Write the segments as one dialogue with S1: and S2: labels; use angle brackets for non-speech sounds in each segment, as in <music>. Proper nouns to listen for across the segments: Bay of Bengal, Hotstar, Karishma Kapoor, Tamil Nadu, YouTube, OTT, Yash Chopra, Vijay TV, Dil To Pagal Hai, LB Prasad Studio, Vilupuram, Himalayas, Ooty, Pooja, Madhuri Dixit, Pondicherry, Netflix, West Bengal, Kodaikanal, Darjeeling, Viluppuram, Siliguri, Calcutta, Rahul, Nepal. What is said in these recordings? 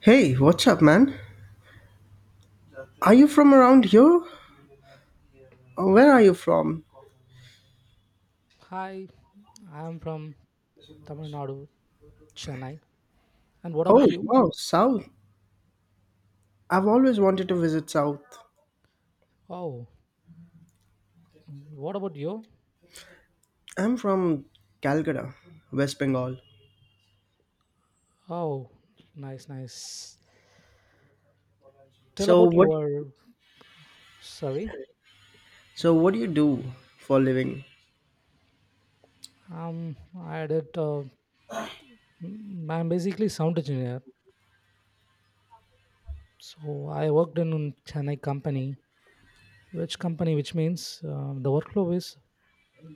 S1: Hey, what's up, man? Are you from around here? Or where are you from?
S2: Hi, I'm from Tamil Nadu, Chennai. And what
S1: Oh,
S2: about you?
S1: wow, South. I've always wanted to visit South.
S2: Oh, what about you?
S1: I'm from Calcutta, West Bengal.
S2: Oh, nice, nice. Tell
S1: So
S2: about
S1: what?
S2: your. Sorry,
S1: So what do you do for a living?
S2: um, I did. I'm basically sound engineer, so I worked in a Chennai company. Which company? Which means the workflow is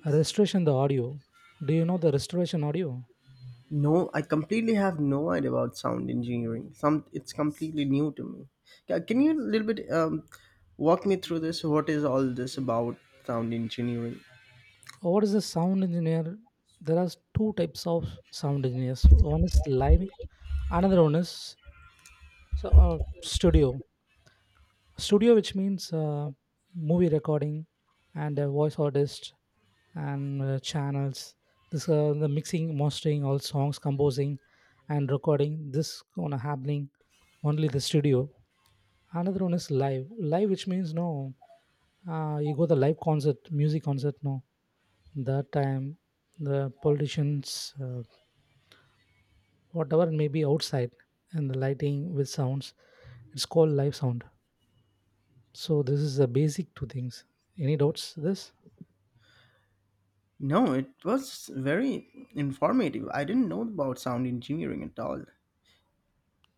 S2: restoration the audio. Do you know the restoration audio?
S1: No, I completely have no idea about sound engineering. Some, it's completely new to me. Can you a little bit walk me through this? What is all this about sound engineering?
S2: What is a sound engineer? There are two types of sound engineers. One is live another one is. So studio, which means movie recording and voice artist and channels. This the mixing, mastering, all songs, composing, and recording. This gonna happening only the studio. Another one is live, which means no, you go the live concert, music concert. No, that time the politicians, whatever may be outside, and the lighting with sounds. It's called live sound. So this is the basic two things. Any doubts this?
S1: No, it was very informative. I didn't know about sound engineering at all.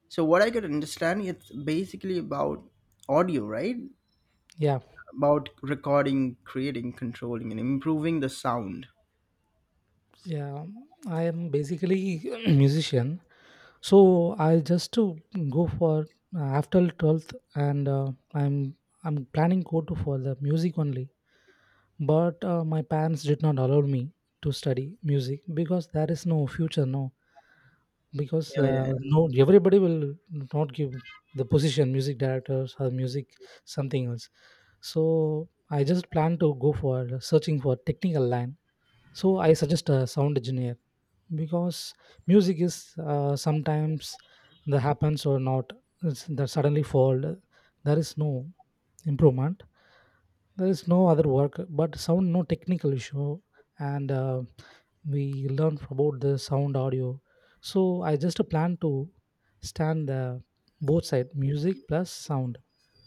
S1: So what I could understand, it's basically about audio, right?
S2: Yeah,
S1: About recording, creating, controlling, and improving the sound.
S2: yeah. I am basically <clears throat> musician. So I just to go for after 12th and I'm planning go to for the music only. But my parents did not allow me to study music because there is no future no because
S1: Yeah, yeah. yeah.
S2: no everybody will not give the position music directors or music something else. So I just plan to go for searching for technical line. So I suggest a sound engineer because music is sometimes that happens or not. It's that suddenly fall. There is no improvement. There is no other work but sound no technical issue and we learn about the sound audio. So I just plan to stand the both side music plus sound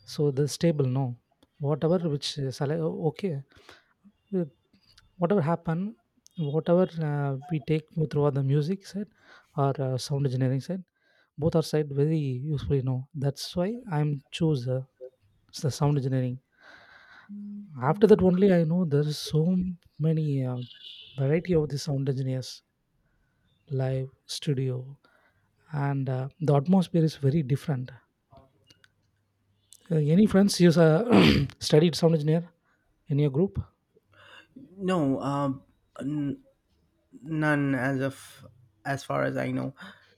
S2: so the stable no, whatever which okay, uh, whatever happen, whatever we take throughout the music side or sound engineering side, both are side very useful. You know that's why I'm choose the sound engineering. After that only I know there is so many variety of the sound engineers, live studio, and the atmosphere is very different. Any friends you <coughs> <clears throat> studied sound engineer in your group?
S1: No, n- none as far as I know.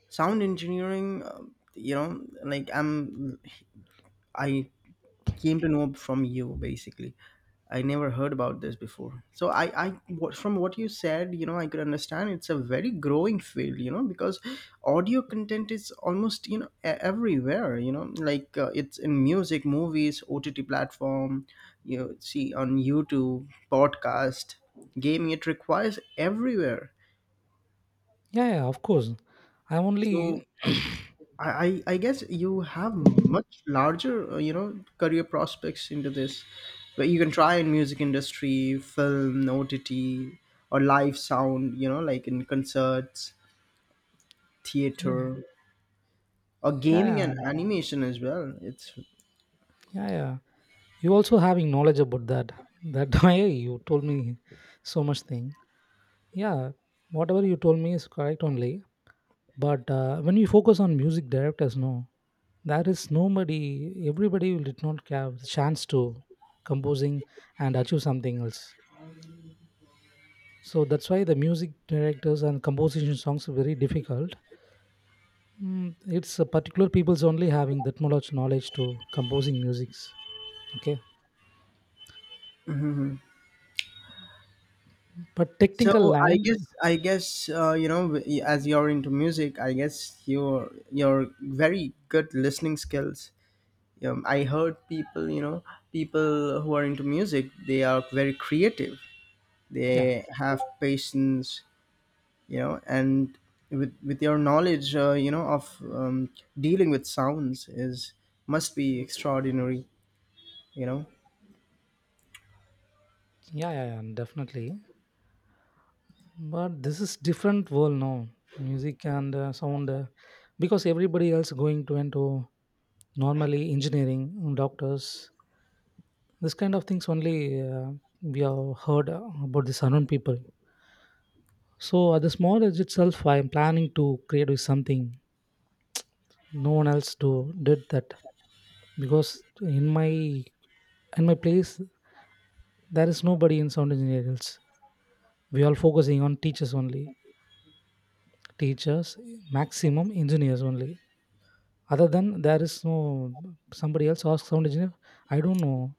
S1: Sound engineering, like I came to know from you basically. I never heard about this before, so I what from what you said, you know, I could understand it's a very growing field, you know, because audio content is almost, everywhere, you know, like it's in music, movies, OTT platform, you know. See on YouTube, podcast, gaming, it requires everywhere.
S2: Yeah, yeah, of course. I'm
S1: So
S2: only.
S1: I, I guess you have much larger, you know, career prospects into this, but you can try in music industry, film, OTT, or live sound, you know, like in concerts,
S2: Yeah,
S1: theater, or
S2: yeah, yeah,
S1: gaming and animation as well. It's
S2: yeah. Yeah. You also having knowledge about that. That <laughs> why you told me so much thing. Yeah, whatever you told me is correct only. But when you focus on music directors, no, there is nobody. Everybody will did not have the chance to composing and achieve something else. So that's why the music directors and composition songs are very difficult. It's particular people's only having that much knowledge to composing musics. Okay. But
S1: So
S2: technical
S1: I
S2: line,
S1: guess I guess you know, as you're into music, I guess your very good listening skills. I heard people, you know, people who are into music, they are very creative,
S2: yeah,
S1: they have patience, and with your knowledge of dealing with sounds is must be extraordinary you know
S2: yeah, yeah, yeah, definitely. But this is different world now. Music and sound, because everybody else going to into normally engineering, doctors, this kind of things only we have heard about the unknown people. So at the small age itself, I am planning to create with something. No one else do did that because in my in my place there is nobody in sound engineering else. We all focusing on teachers only teachers, maximum engineers only. Other than there is no somebody else ask sound engineer. I don't know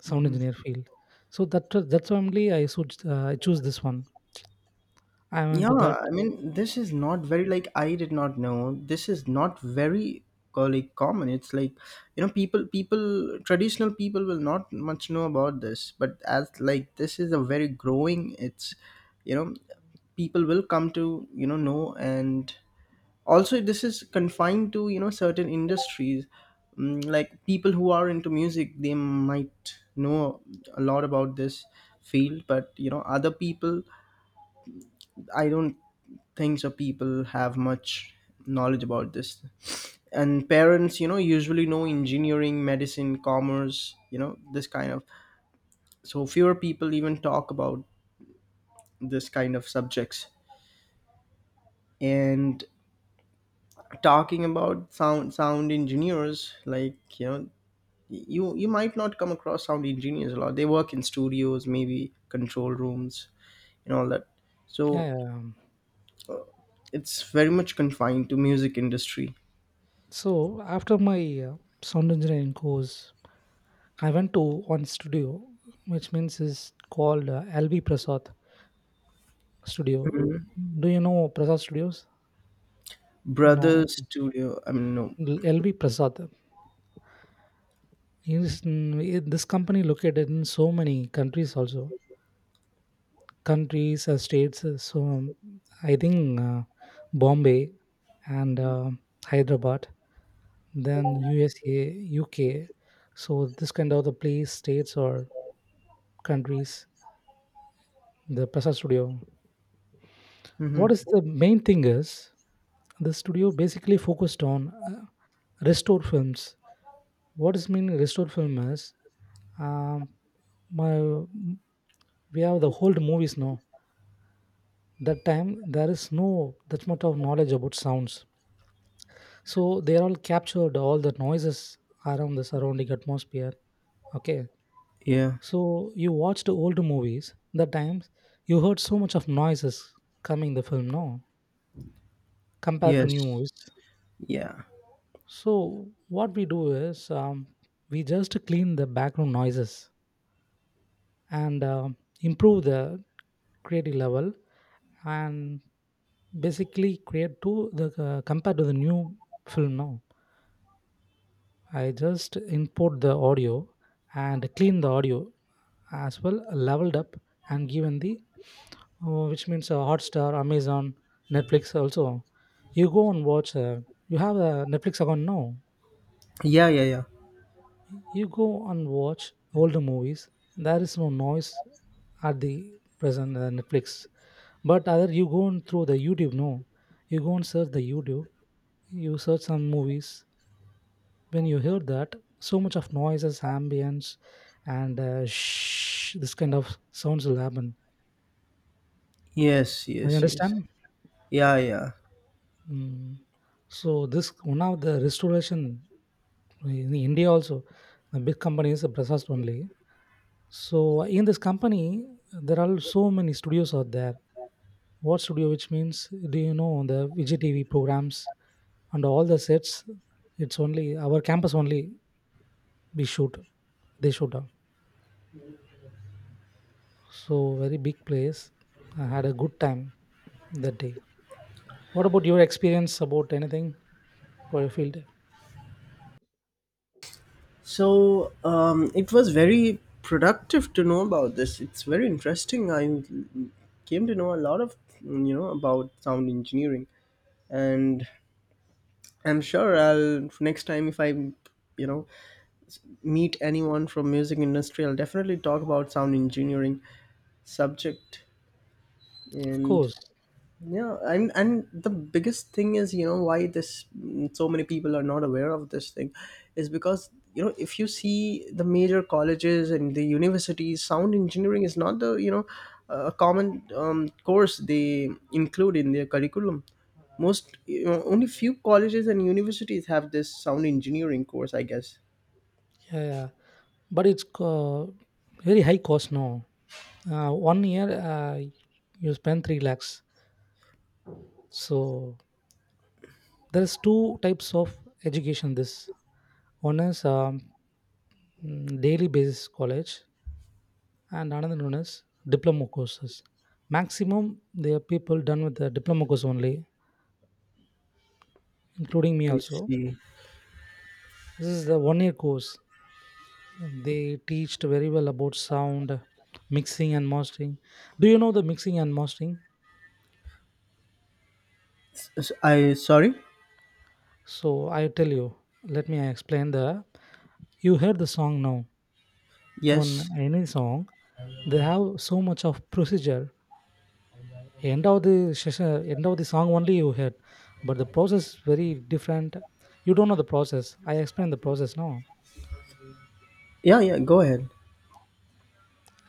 S2: sound engineer field. So that's why only I should I choose this one. I went to
S1: yeah,
S2: that.
S1: I mean, this is not very, like, I did not know. This is not very like common. It's like, you know, people people traditional people will not much know about this, but as, like, this is a very growing, it's, you know, people will come to, know. And also this is confined to, certain industries. Mm, like people who are into music, they might know a lot about this field, but other people, I don't think so people have much knowledge about this. And parents, usually know engineering, medicine, commerce, this kind of. So fewer people even talk about this kind of subjects. And talking about sound engineers, like, you might not come across sound engineers a lot. They work in studios, maybe control rooms, and all that.
S2: Yeah.
S1: So
S2: Yeah.
S1: it's very much confined to music industry.
S2: So after my uh, sound engineering course, I went to one studio, which means is called LB Prasad Studio.
S1: Mhm.
S2: Do you know Prasad Studios? No,
S1: Brothers studio, I mean, no.
S2: LV Prasad. He is this company located in so many countries also. Countries or states so I think Bombay and Hyderabad, then USA UK, so this kind of the place states or countries, the Prasad studio. What is
S1: Hmm.
S2: the main thing is the studio basically focused on uh, restore films. What is mean restore film is um, my we have the old movies now. That time there is no that much of knowledge about sounds, so they all captured all the noises around the surrounding atmosphere. Okay.
S1: Yeah.
S2: So you watched old movies the times you heard so much of noises coming the film now compared to new
S1: Yes.
S2: movies.
S1: Yeah,
S2: So what we do is we just clean the background noises and improve the creative level and basically create to the compared to the new film now. I just import the audio and clean the audio as well, leveled up and given the, which means Hotstar, Amazon, Netflix also. You go and watch, you have a Netflix account now.
S1: yeah, yeah, yeah.
S2: You go and watch older movies. There is no noise at the present Netflix. But other you go on through the YouTube, no. You go and search the YouTube, you search some movies when you hear that so much of noises ambience and shh, this kind of sounds will happen.
S1: Yes,
S2: Do you
S1: yes, yes.
S2: understand?
S1: Yeah, yeah.
S2: Mm. So this one of the restoration in India also, the big company is prasast only. So in this company, there are so many studios out there. What studio which means, do you know the Vijay TV programs and all the sets? It's only our campus only we shoot, they shoot. So very big place. I had a good time that day. What about your experience about anything for your field? Day?
S1: So it was very productive to know about this. It's very interesting. I came to know a lot of, about sound engineering. And I'm sure I'll next time, if I, you know meet anyone from music industry, I'll definitely talk about sound engineering subject.
S2: Of
S1: And
S2: course,
S1: yeah, and the biggest thing is, why this, so many people are not aware of this thing is because, if you see, the major colleges and the universities, sound engineering is not the, a common course they include in their curriculum. Most, only few colleges and universities have this sound engineering course, I guess.
S2: yeah, yeah. But it's very high cost now. One year you spend 3 lakhs. So there's two types of education. This one is daily basis college, and another one is diploma courses. Maximum there are people done with the diploma course only, including me
S1: I
S2: also.
S1: see.
S2: This is the one year course. They teached very well about sound, mixing and mastering. Do you know the mixing and mastering?
S1: I sorry.
S2: So I tell you, let me explain the. You heard the song now. On
S1: Yes.
S2: any song, they have so much of procedure. End of the session, end of the song only you heard, but the process is very different. You don't know the process. I explain the process now.
S1: Yeah, yeah, go ahead.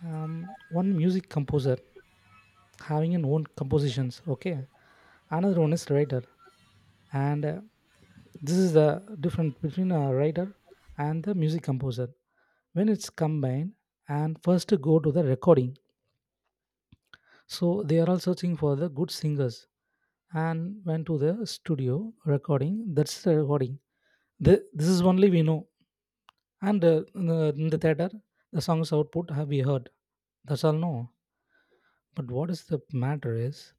S2: One music composer having an own compositions. Okay, another one is writer and this is the difference between a writer and the music composer when it's combined and first to go to the recording, so they are all searching for the good singers and went to the studio recording, that's the recording. This is only we know. And in the theater the song's output have we heard, that's all no. But what is the matter is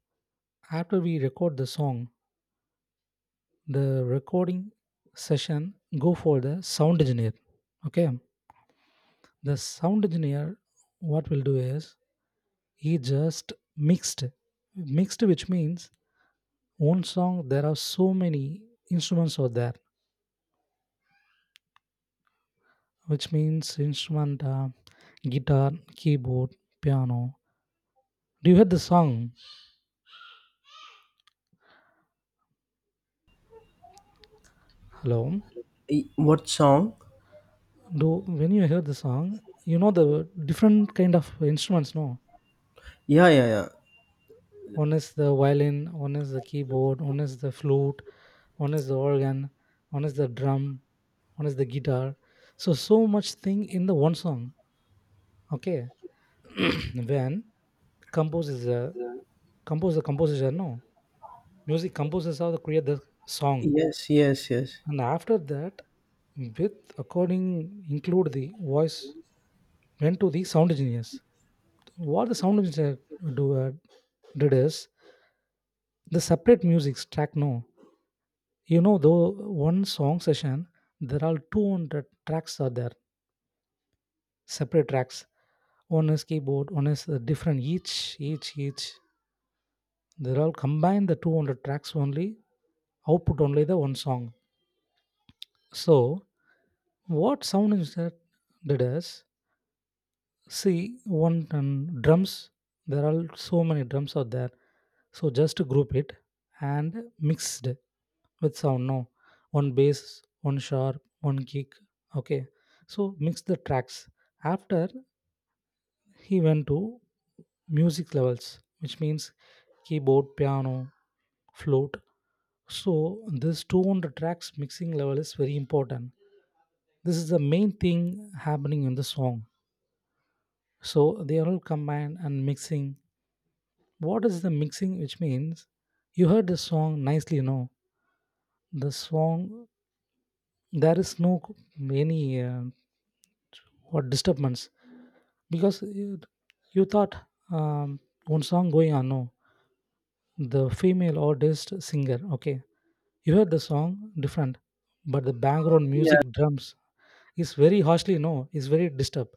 S2: after we record the song, the recording session go for the sound engineer. Okay. The sound engineer what will do is he just mixed, which means one song there are so many instruments are there, which means instrument guitar, keyboard, piano. Do you hear the song, hello?
S1: What song?
S2: Do When you hear the song you know the different kind of instruments, no?
S1: Yeah, yeah, yeah.
S2: One is the violin, one is the keyboard, one is the flute, one is the organ, one is the drum, one is the guitar. So, so much thing in the one song. Okay. <clears throat> When composes a compose the composition, no, music composers how to create the song.
S1: Yes, yes, yes.
S2: And after that, with according include the voice, went to the sound engineers, what the sound engineer do did is the separate music track no. You know, though one song session, there are 200 tracks are there, separate tracks. One is keyboard, one is different. Each, each. They're all combined. The 200 tracks only output only the one song. So what sound engineer did is, see, one and drums, there are so many drums out there. So just group it and mixed with sound. No, one bass, one sharp, one kick. Okay. So mix the tracks. After he went to music levels, which means keyboard, piano, flute. So this 200 tracks mixing level is very important. This is the main thing happening in the song. So they are all combined and mixing. What is the mixing which means you heard the song nicely you know the song, there is no any what disturbance because you thought um, one song going on no, the female or artist singer, okay, you heard the song different but the background
S1: Yeah,
S2: music drums is very harshly no, is very disturbed.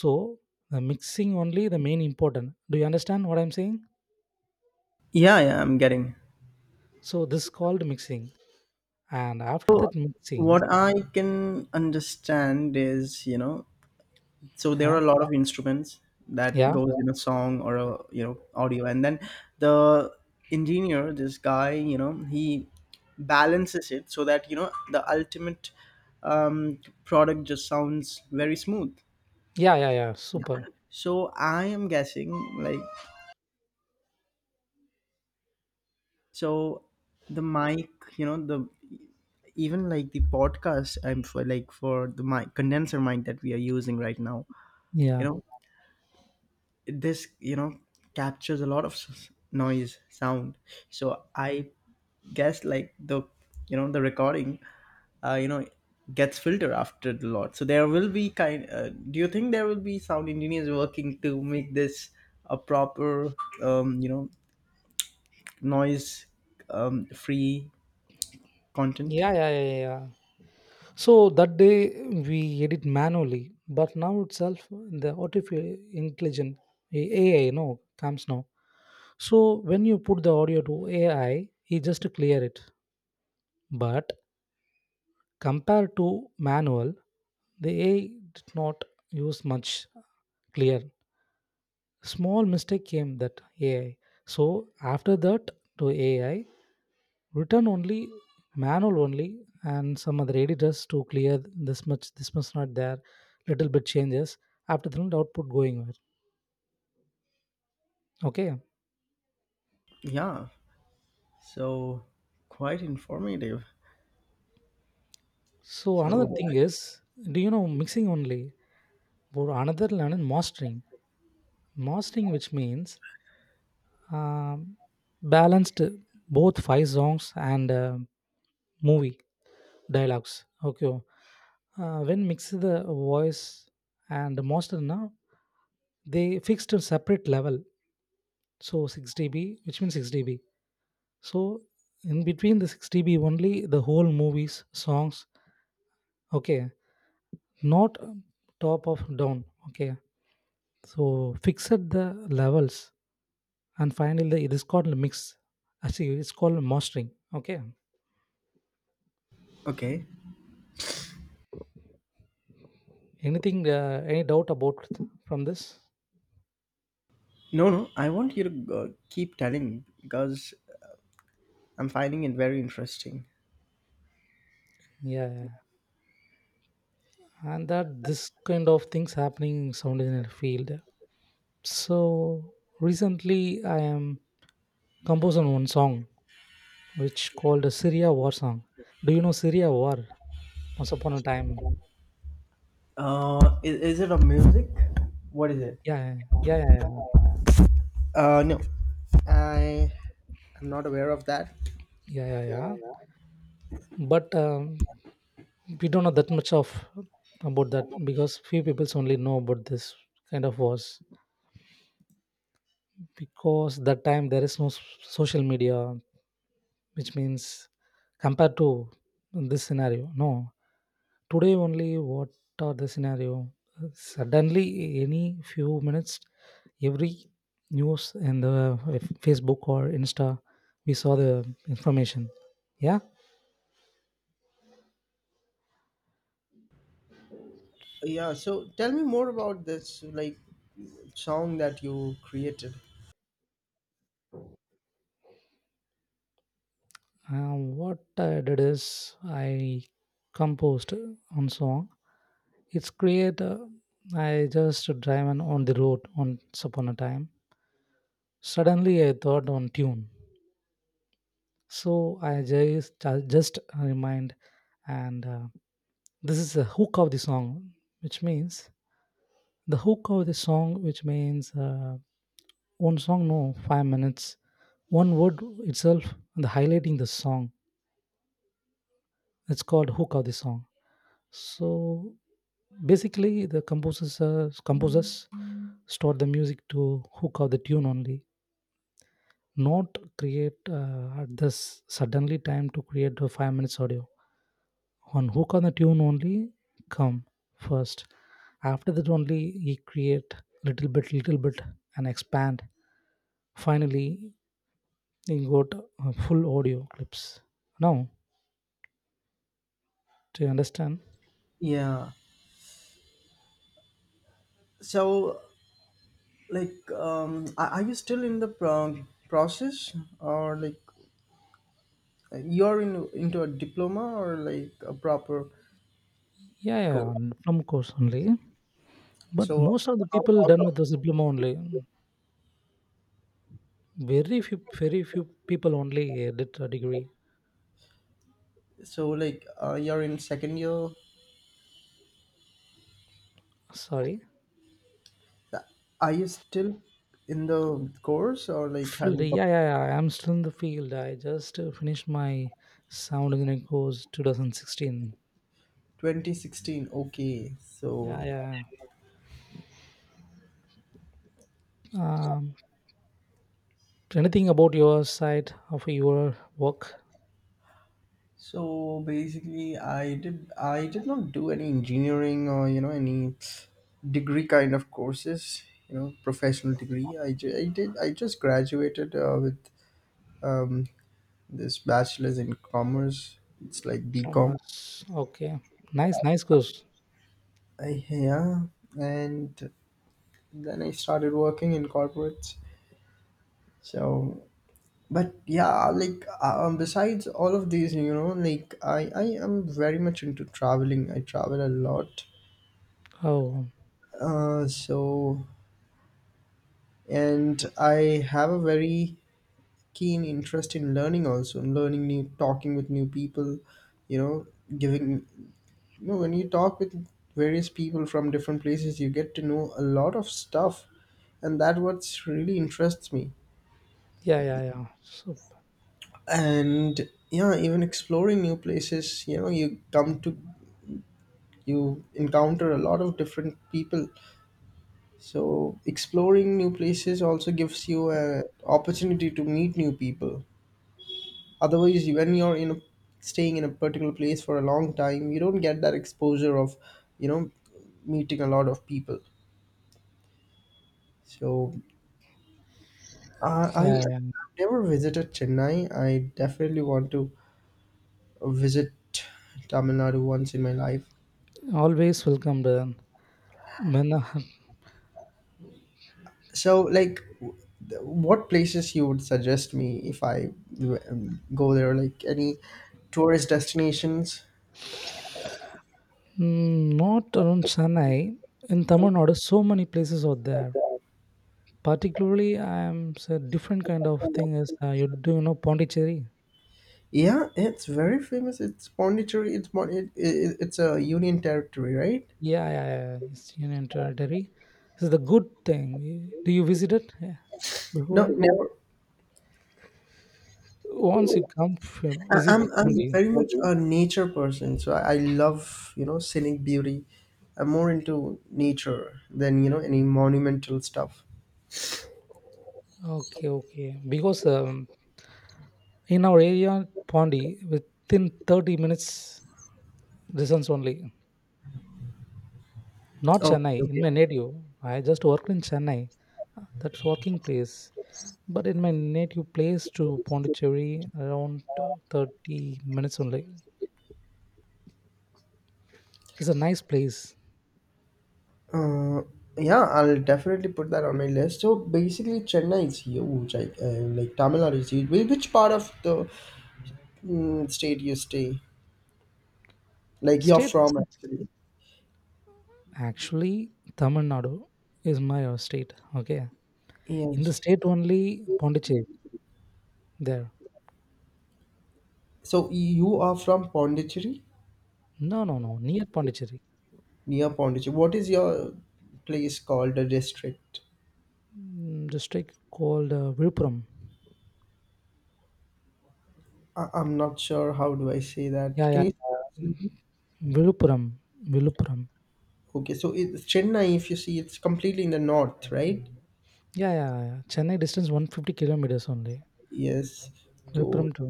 S2: So the mixing only the main important. Do you understand what I'm saying?
S1: yeah, yeah, I'm getting.
S2: So this called mixing. And after that
S1: What
S2: mixing.
S1: I can understand is, so there are
S2: Huh?
S1: a lot of instruments that
S2: Yeah.
S1: goes in a song, or a, audio, and then the engineer, this guy, he balances it so that, the ultimate um, product just sounds very smooth.
S2: Yeah, yeah, yeah.
S1: Yeah.
S2: Super.
S1: So I am guessing, like, so the mic, the, even like the podcast, I'm for like for the mic condenser mic that we are using right now, you
S2: Yeah.
S1: know this, captures a lot of noise sound. So I guess, like, the recording, uh, you know gets filtered after the lot. So there will be kind, do you think there will be sound engineers working to make this a proper you know, noise, free content?
S2: Yeah, yeah, yeah, yeah. So that day we edit manually, but now itself the artificial intelligence AI, comes now. So when you put the audio to AI, he just clear it. But compared to manual, the AI did not use much clear. Small mistake came that AI. So after that to AI, written only manual only and some other editors to clear this much not there little bit changes after that the output going well. Okay,
S1: Yeah, so quite informative.
S2: so
S1: So,
S2: another thing is, do you know mixing only or another learn is mastering? Mastering, which means um, balanced both five songs and movie dialogues, okay. When mix the voice and master, now they fixed a separate level, so 6 dB, which means 6 dB. So in between the 6 dB only, the whole movies, songs, okay, not top of down, okay. So fix at the levels and finally the it is called mix. Actually, it's called mastering, okay.
S1: okay.
S2: Anything, any doubt about from this?
S1: No, no, I want you to keep telling because I'm finding it very interesting.
S2: Yeah, yeah, and that this kind of things happening in sound engineer field. So recently I am composing one song which called a Syria war song. Do you know Syria war? Once upon a time.
S1: Is it a music? What is it?
S2: Yeah, yeah, yeah, yeah,
S1: No, I am not aware of that.
S2: yeah, yeah, yeah. But we don't know that much of about that because few people only know about this kind of wars, because that time there is no social media, which means compared to this scenario, no. Today only what are the scenario. Suddenly any few minutes every news in the Facebook or Insta we saw the information, yeah.
S1: Yeah, so tell me more about this, like, song that you created.
S2: Uh, what I did is I composed on song. It's create I just driving on the road once upon a time. Suddenly I thought on tune, so I just remind and this is the hook of the song, which means the hook of the song, which means one song, no, 5 minutes, one word itself, and the highlighting the song. It's called hook of the song. So basically, the composers composers store the music to hook of the tune only. Not create at this suddenly time to create a 5 minutes audio on hook on the tune only come first. After that only he create little bit and expand, finally he got full audio clips now. Do you understand?
S1: Yeah. So, like, are you still in the process, or like, you're into a diploma, or like a proper
S2: Yeah, yeah, yeah,
S1: course.
S2: from course only. But
S1: So,
S2: most of the people
S1: how
S2: done
S1: long?
S2: with this diploma only. Very few people only did a degree.
S1: So, like, you're in second year?
S2: Sorry.
S1: Are you still in the course, or like have
S2: Field,
S1: you
S2: yeah, yeah, yeah. I'm still in the field. I just finished my sound engineering course 2016.
S1: 2016, okay,
S2: Yeah,
S1: so,
S2: yeah, yeah. Anything about your side of your work?
S1: so basically, I did not do any engineering or, any degree kind of courses, professional degree. I, ju- I did i just graduated with um, this bachelor's in commerce. It's like decom.
S2: Almost. Okay. Nice, nice course.
S1: Yeah, and then I started working in corporates. So, but yeah, like besides all of these, you know, like, I am very much into traveling. I travel a lot,
S2: Oh,
S1: so, and I have a very keen interest in learning also, and learning new, talking with new people, you know, giving you know, when you talk with various people from different places, you get to know a lot of stuff. And that what really interests me.
S2: yeah, yeah, yeah. So,
S1: And yeah, even exploring new places, you know you come to you encounter a lot of different people. So exploring new places also gives you a opportunity to meet new people. Otherwise, when you're in a staying in a particular place for a long time, you don't get that exposure of, you know meeting a lot of people. So I
S2: yeah, yeah.
S1: I've never visited Chennai. I definitely want to visit Tamil Nadu once in my life.
S2: Always welcome. Then when
S1: So, like, what places you would suggest me if I go there? Like any tourist destinations?
S2: <laughs> not around Chennai, in Tamil Nadu, so many places are there. Particularly, I am so different kind of thing is, you do you know Pondicherry?
S1: Yeah, it's very famous. It's Pondicherry. It's mon- it, it's a union territory, right?
S2: Yeah, yeah, yeah. Eastern and territory. This is the good thing. Do you visit it? Yeah,
S1: No,
S2: before?
S1: never.
S2: Once you come, visit
S1: I'm
S2: Pondi.
S1: very much a nature person, so I love, scenic beauty. I'm more into nature than, any monumental stuff.
S2: Okay, okay. Because in our area, Pondi, within 30 minutes distance only. Not
S1: Okay,
S2: Chennai, in
S1: okay.
S2: my native. I just worked in Chennai. That's working place. But in my native place to Pondicherry, around 30 minutes only. It's a nice place.
S1: Uh, yeah, I'll definitely put that on my list. So basically, Chennai is huge. Like, like, Tamil Nadu is huge. Which part of the, state you stay? Like you're
S2: Stayed.
S1: from actually?
S2: Actually, Tamil Nadu is my state. Okay. In the
S1: Yes.
S2: state only, Pondicherry there.
S1: So you are from Pondicherry,
S2: No, no, no. Near Pondicherry.
S1: near Pondicherry. What is your place called? The district?
S2: Mm, district called Viluppuram.
S1: I'm not sure how do I say
S2: Yeah,
S1: that. Can
S2: yeah.
S1: you?
S2: Mm, Viluppuram. Viluppuram.
S1: Okay, so it's Chennai. If you see, it's completely in the north, right?
S2: Yeah, yeah, yeah. Chennai distance 150 kilometers only.
S1: Yes. So
S2: Viluppuram to.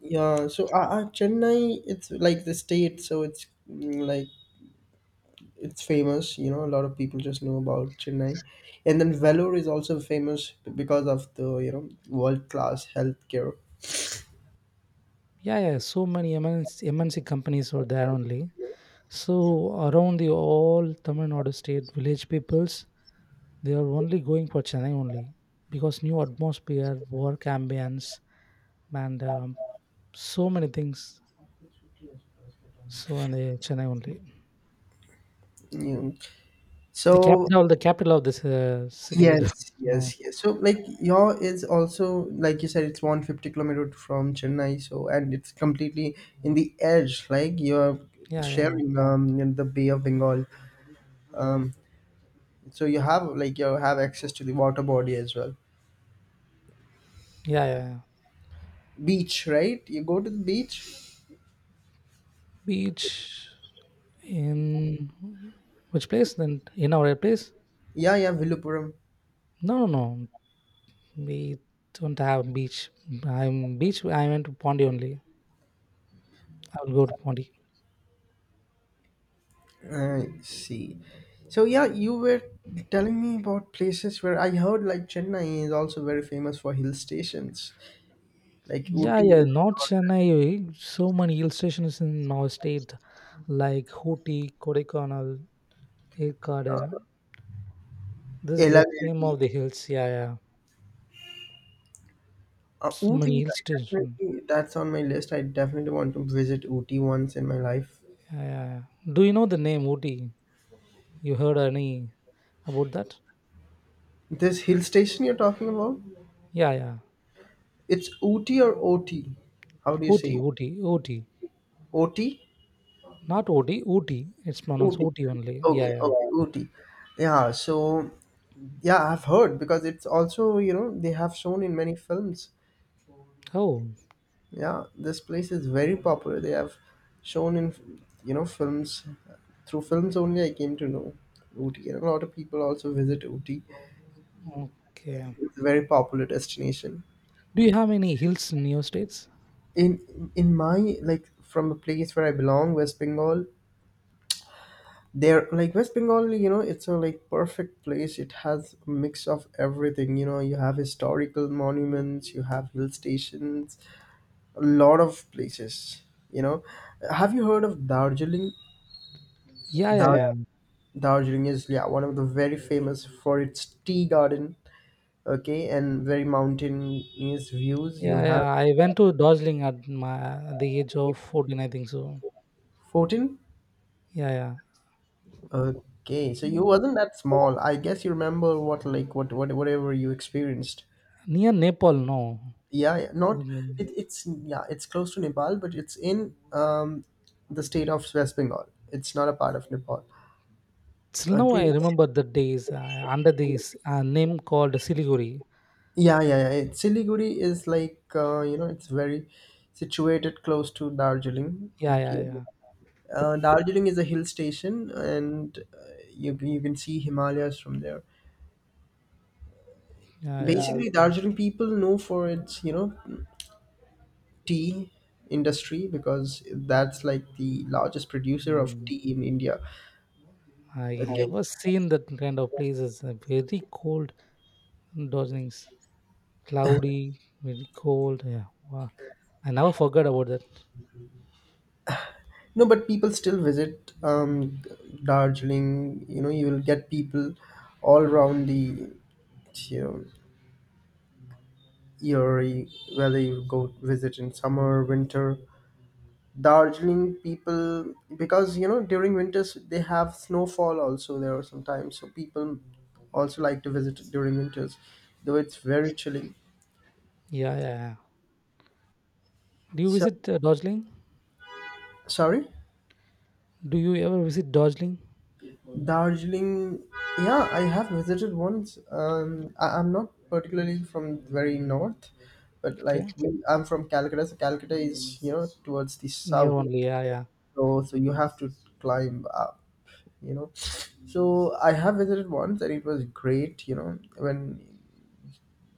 S1: yeah, so Chennai, it's like the state, so it's, like, it's famous. You know, a lot of people just know about Chennai, and then Vellore is also famous because of the, world class healthcare.
S2: Yeah, yeah. So many MNC companies are there only. So around the all Tamil Nadu state village peoples, they are only going for Chennai only, because new atmosphere, work ambience, and so many things. So and they Chennai only.
S1: You know. So
S2: The capital of this city. <laughs> The-
S1: yes,
S2: no,
S1: yes, yes. So, like, your is also, like you said, it's 150-kilometer from Chennai. So, and it's completely in the edge. Like you're
S2: yeah, yeah,
S1: sharing, in the Bay of Bengal. Um, so you have access to the water body as well.
S2: yeah, yeah, yeah.
S1: Beach, right? You go to the beach.
S2: Beach in which place? Then in our place?
S1: Yeah, yeah, Vilupuram.
S2: No, no, no. We don't have beach. I'm beach. I went to Pondi only. I will go to Pondi.
S1: I see. So yeah, you were telling me about places where I heard, like, Chennai is also very famous for hill stations, like
S2: Yeah, yeah,
S1: Ooty.
S2: not Chennai. Eh, so many hill stations in our state, like Hooty, Kodaikanal, Irkade. This is the name
S1: Elavelli.
S2: of the hills. Yeah, yeah. So many
S1: Ooty,
S2: hill
S1: I
S2: station.
S1: definitely, that's on my list. I definitely want to visit Ooty once in my life.
S2: Yeah, yeah, yeah. Do you know the name Ooty? You heard any about that?
S1: This hill station you're talking about,
S2: Yeah, yeah.
S1: it's Ooty or OT? How do you say
S2: Ooty,
S1: it?
S2: Ooty, Ooty.
S1: OT?
S2: Not Ooty, Ooty. It's pronounced
S1: Ooty.
S2: Ooty only. Yeah,
S1: Okay,
S2: yeah.
S1: okay, Ooty. Yeah, so yeah, I've heard because it's also, you know, they have shown in many films.
S2: Oh,
S1: Yeah, this place is very popular. They have shown in, you know, films. Through films only, I came to know Ooty, and a lot of people also visit Ooty.
S2: okay.
S1: It's a very popular destination.
S2: Do you have any hills in your states?
S1: In my, like, from the place where I belong, West Bengal, there, like, West Bengal, you know, it's a, like, perfect place. It has a mix of everything. You know, you have historical monuments, you have hill stations, a lot of places. You know, have you heard of Darjeeling?
S2: Yeah, yeah,
S1: Dar-
S2: yeah.
S1: Darjeeling is, yeah, one of the very famous for its tea garden. Okay, and very mountainous views. You
S2: Yeah,
S1: have
S2: yeah. I went to Darjeeling at my at the age of 14, I think so.
S1: 14.
S2: Yeah, yeah.
S1: Okay, so you wasn't that small. I guess you remember what, like, whatever you experienced.
S2: Near Nepal, no.
S1: Yeah, yeah, not, it, it's yeah, it's close to Nepal, but it's in, the state of West Bengal. It's not a part of Nepal.
S2: Still now
S1: Okay.
S2: I remember the days under this name called Siliguri.
S1: Yeah, yeah, yeah. Siliguri is like you know, it's very situated close to Darjeeling.
S2: Yeah,
S1: Okay.
S2: yeah, yeah,
S1: Darjeeling is a hill station, and you can see Himalayas from there.
S2: yeah, yeah.
S1: Basically, Darjeeling people know for its, tea industry, because that's like the largest producer of
S2: Mm.
S1: tea in India.
S2: I
S1: Okay. Right.
S2: ever seen that kind of places. Uh, very cold, Darjeeling's cloudy, very cold. Yeah, wow. I never forgot about that.
S1: No, but people still visit, Darjeeling. You know, you will get people all around the, you know year, whether you go visit in summer, winter. Darjeeling people, because, during winters they have snowfall also there are sometimes, so people also like to visit during winters, though it's very chilly.
S2: Yeah, yeah, yeah. Do you
S1: So
S2: visit Darjeeling?
S1: sorry.
S2: Do you ever visit Darjeeling?
S1: Darjeeling, yeah, I have visited once. I'm not particularly from very north, but
S2: Okay,
S1: like, I'm from Calcutta, so Calcutta is, towards the
S2: near
S1: south.
S2: only. Yeah, yeah,
S1: So you have to climb up, you know. So I have visited once, and it was great. You know, when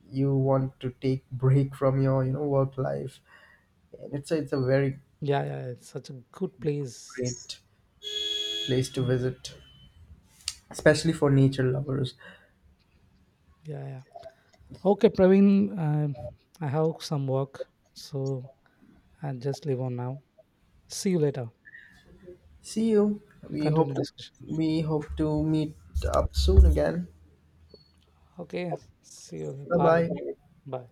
S1: you want to take break from your, work life, and it's a very
S2: yeah, yeah, yeah. It's such a good place.
S1: great place to visit, especially for nature lovers.
S2: Yeah, yeah. Okay, Praveen, I have some work, so I'll just leave on now. See you later.
S1: See you.
S2: We'll
S1: We hope
S2: continue the
S1: to
S2: discussion.
S1: we hope to meet up soon again.
S2: Okay. See you.
S1: Bye
S2: Bye.
S1: bye.
S2: Bye.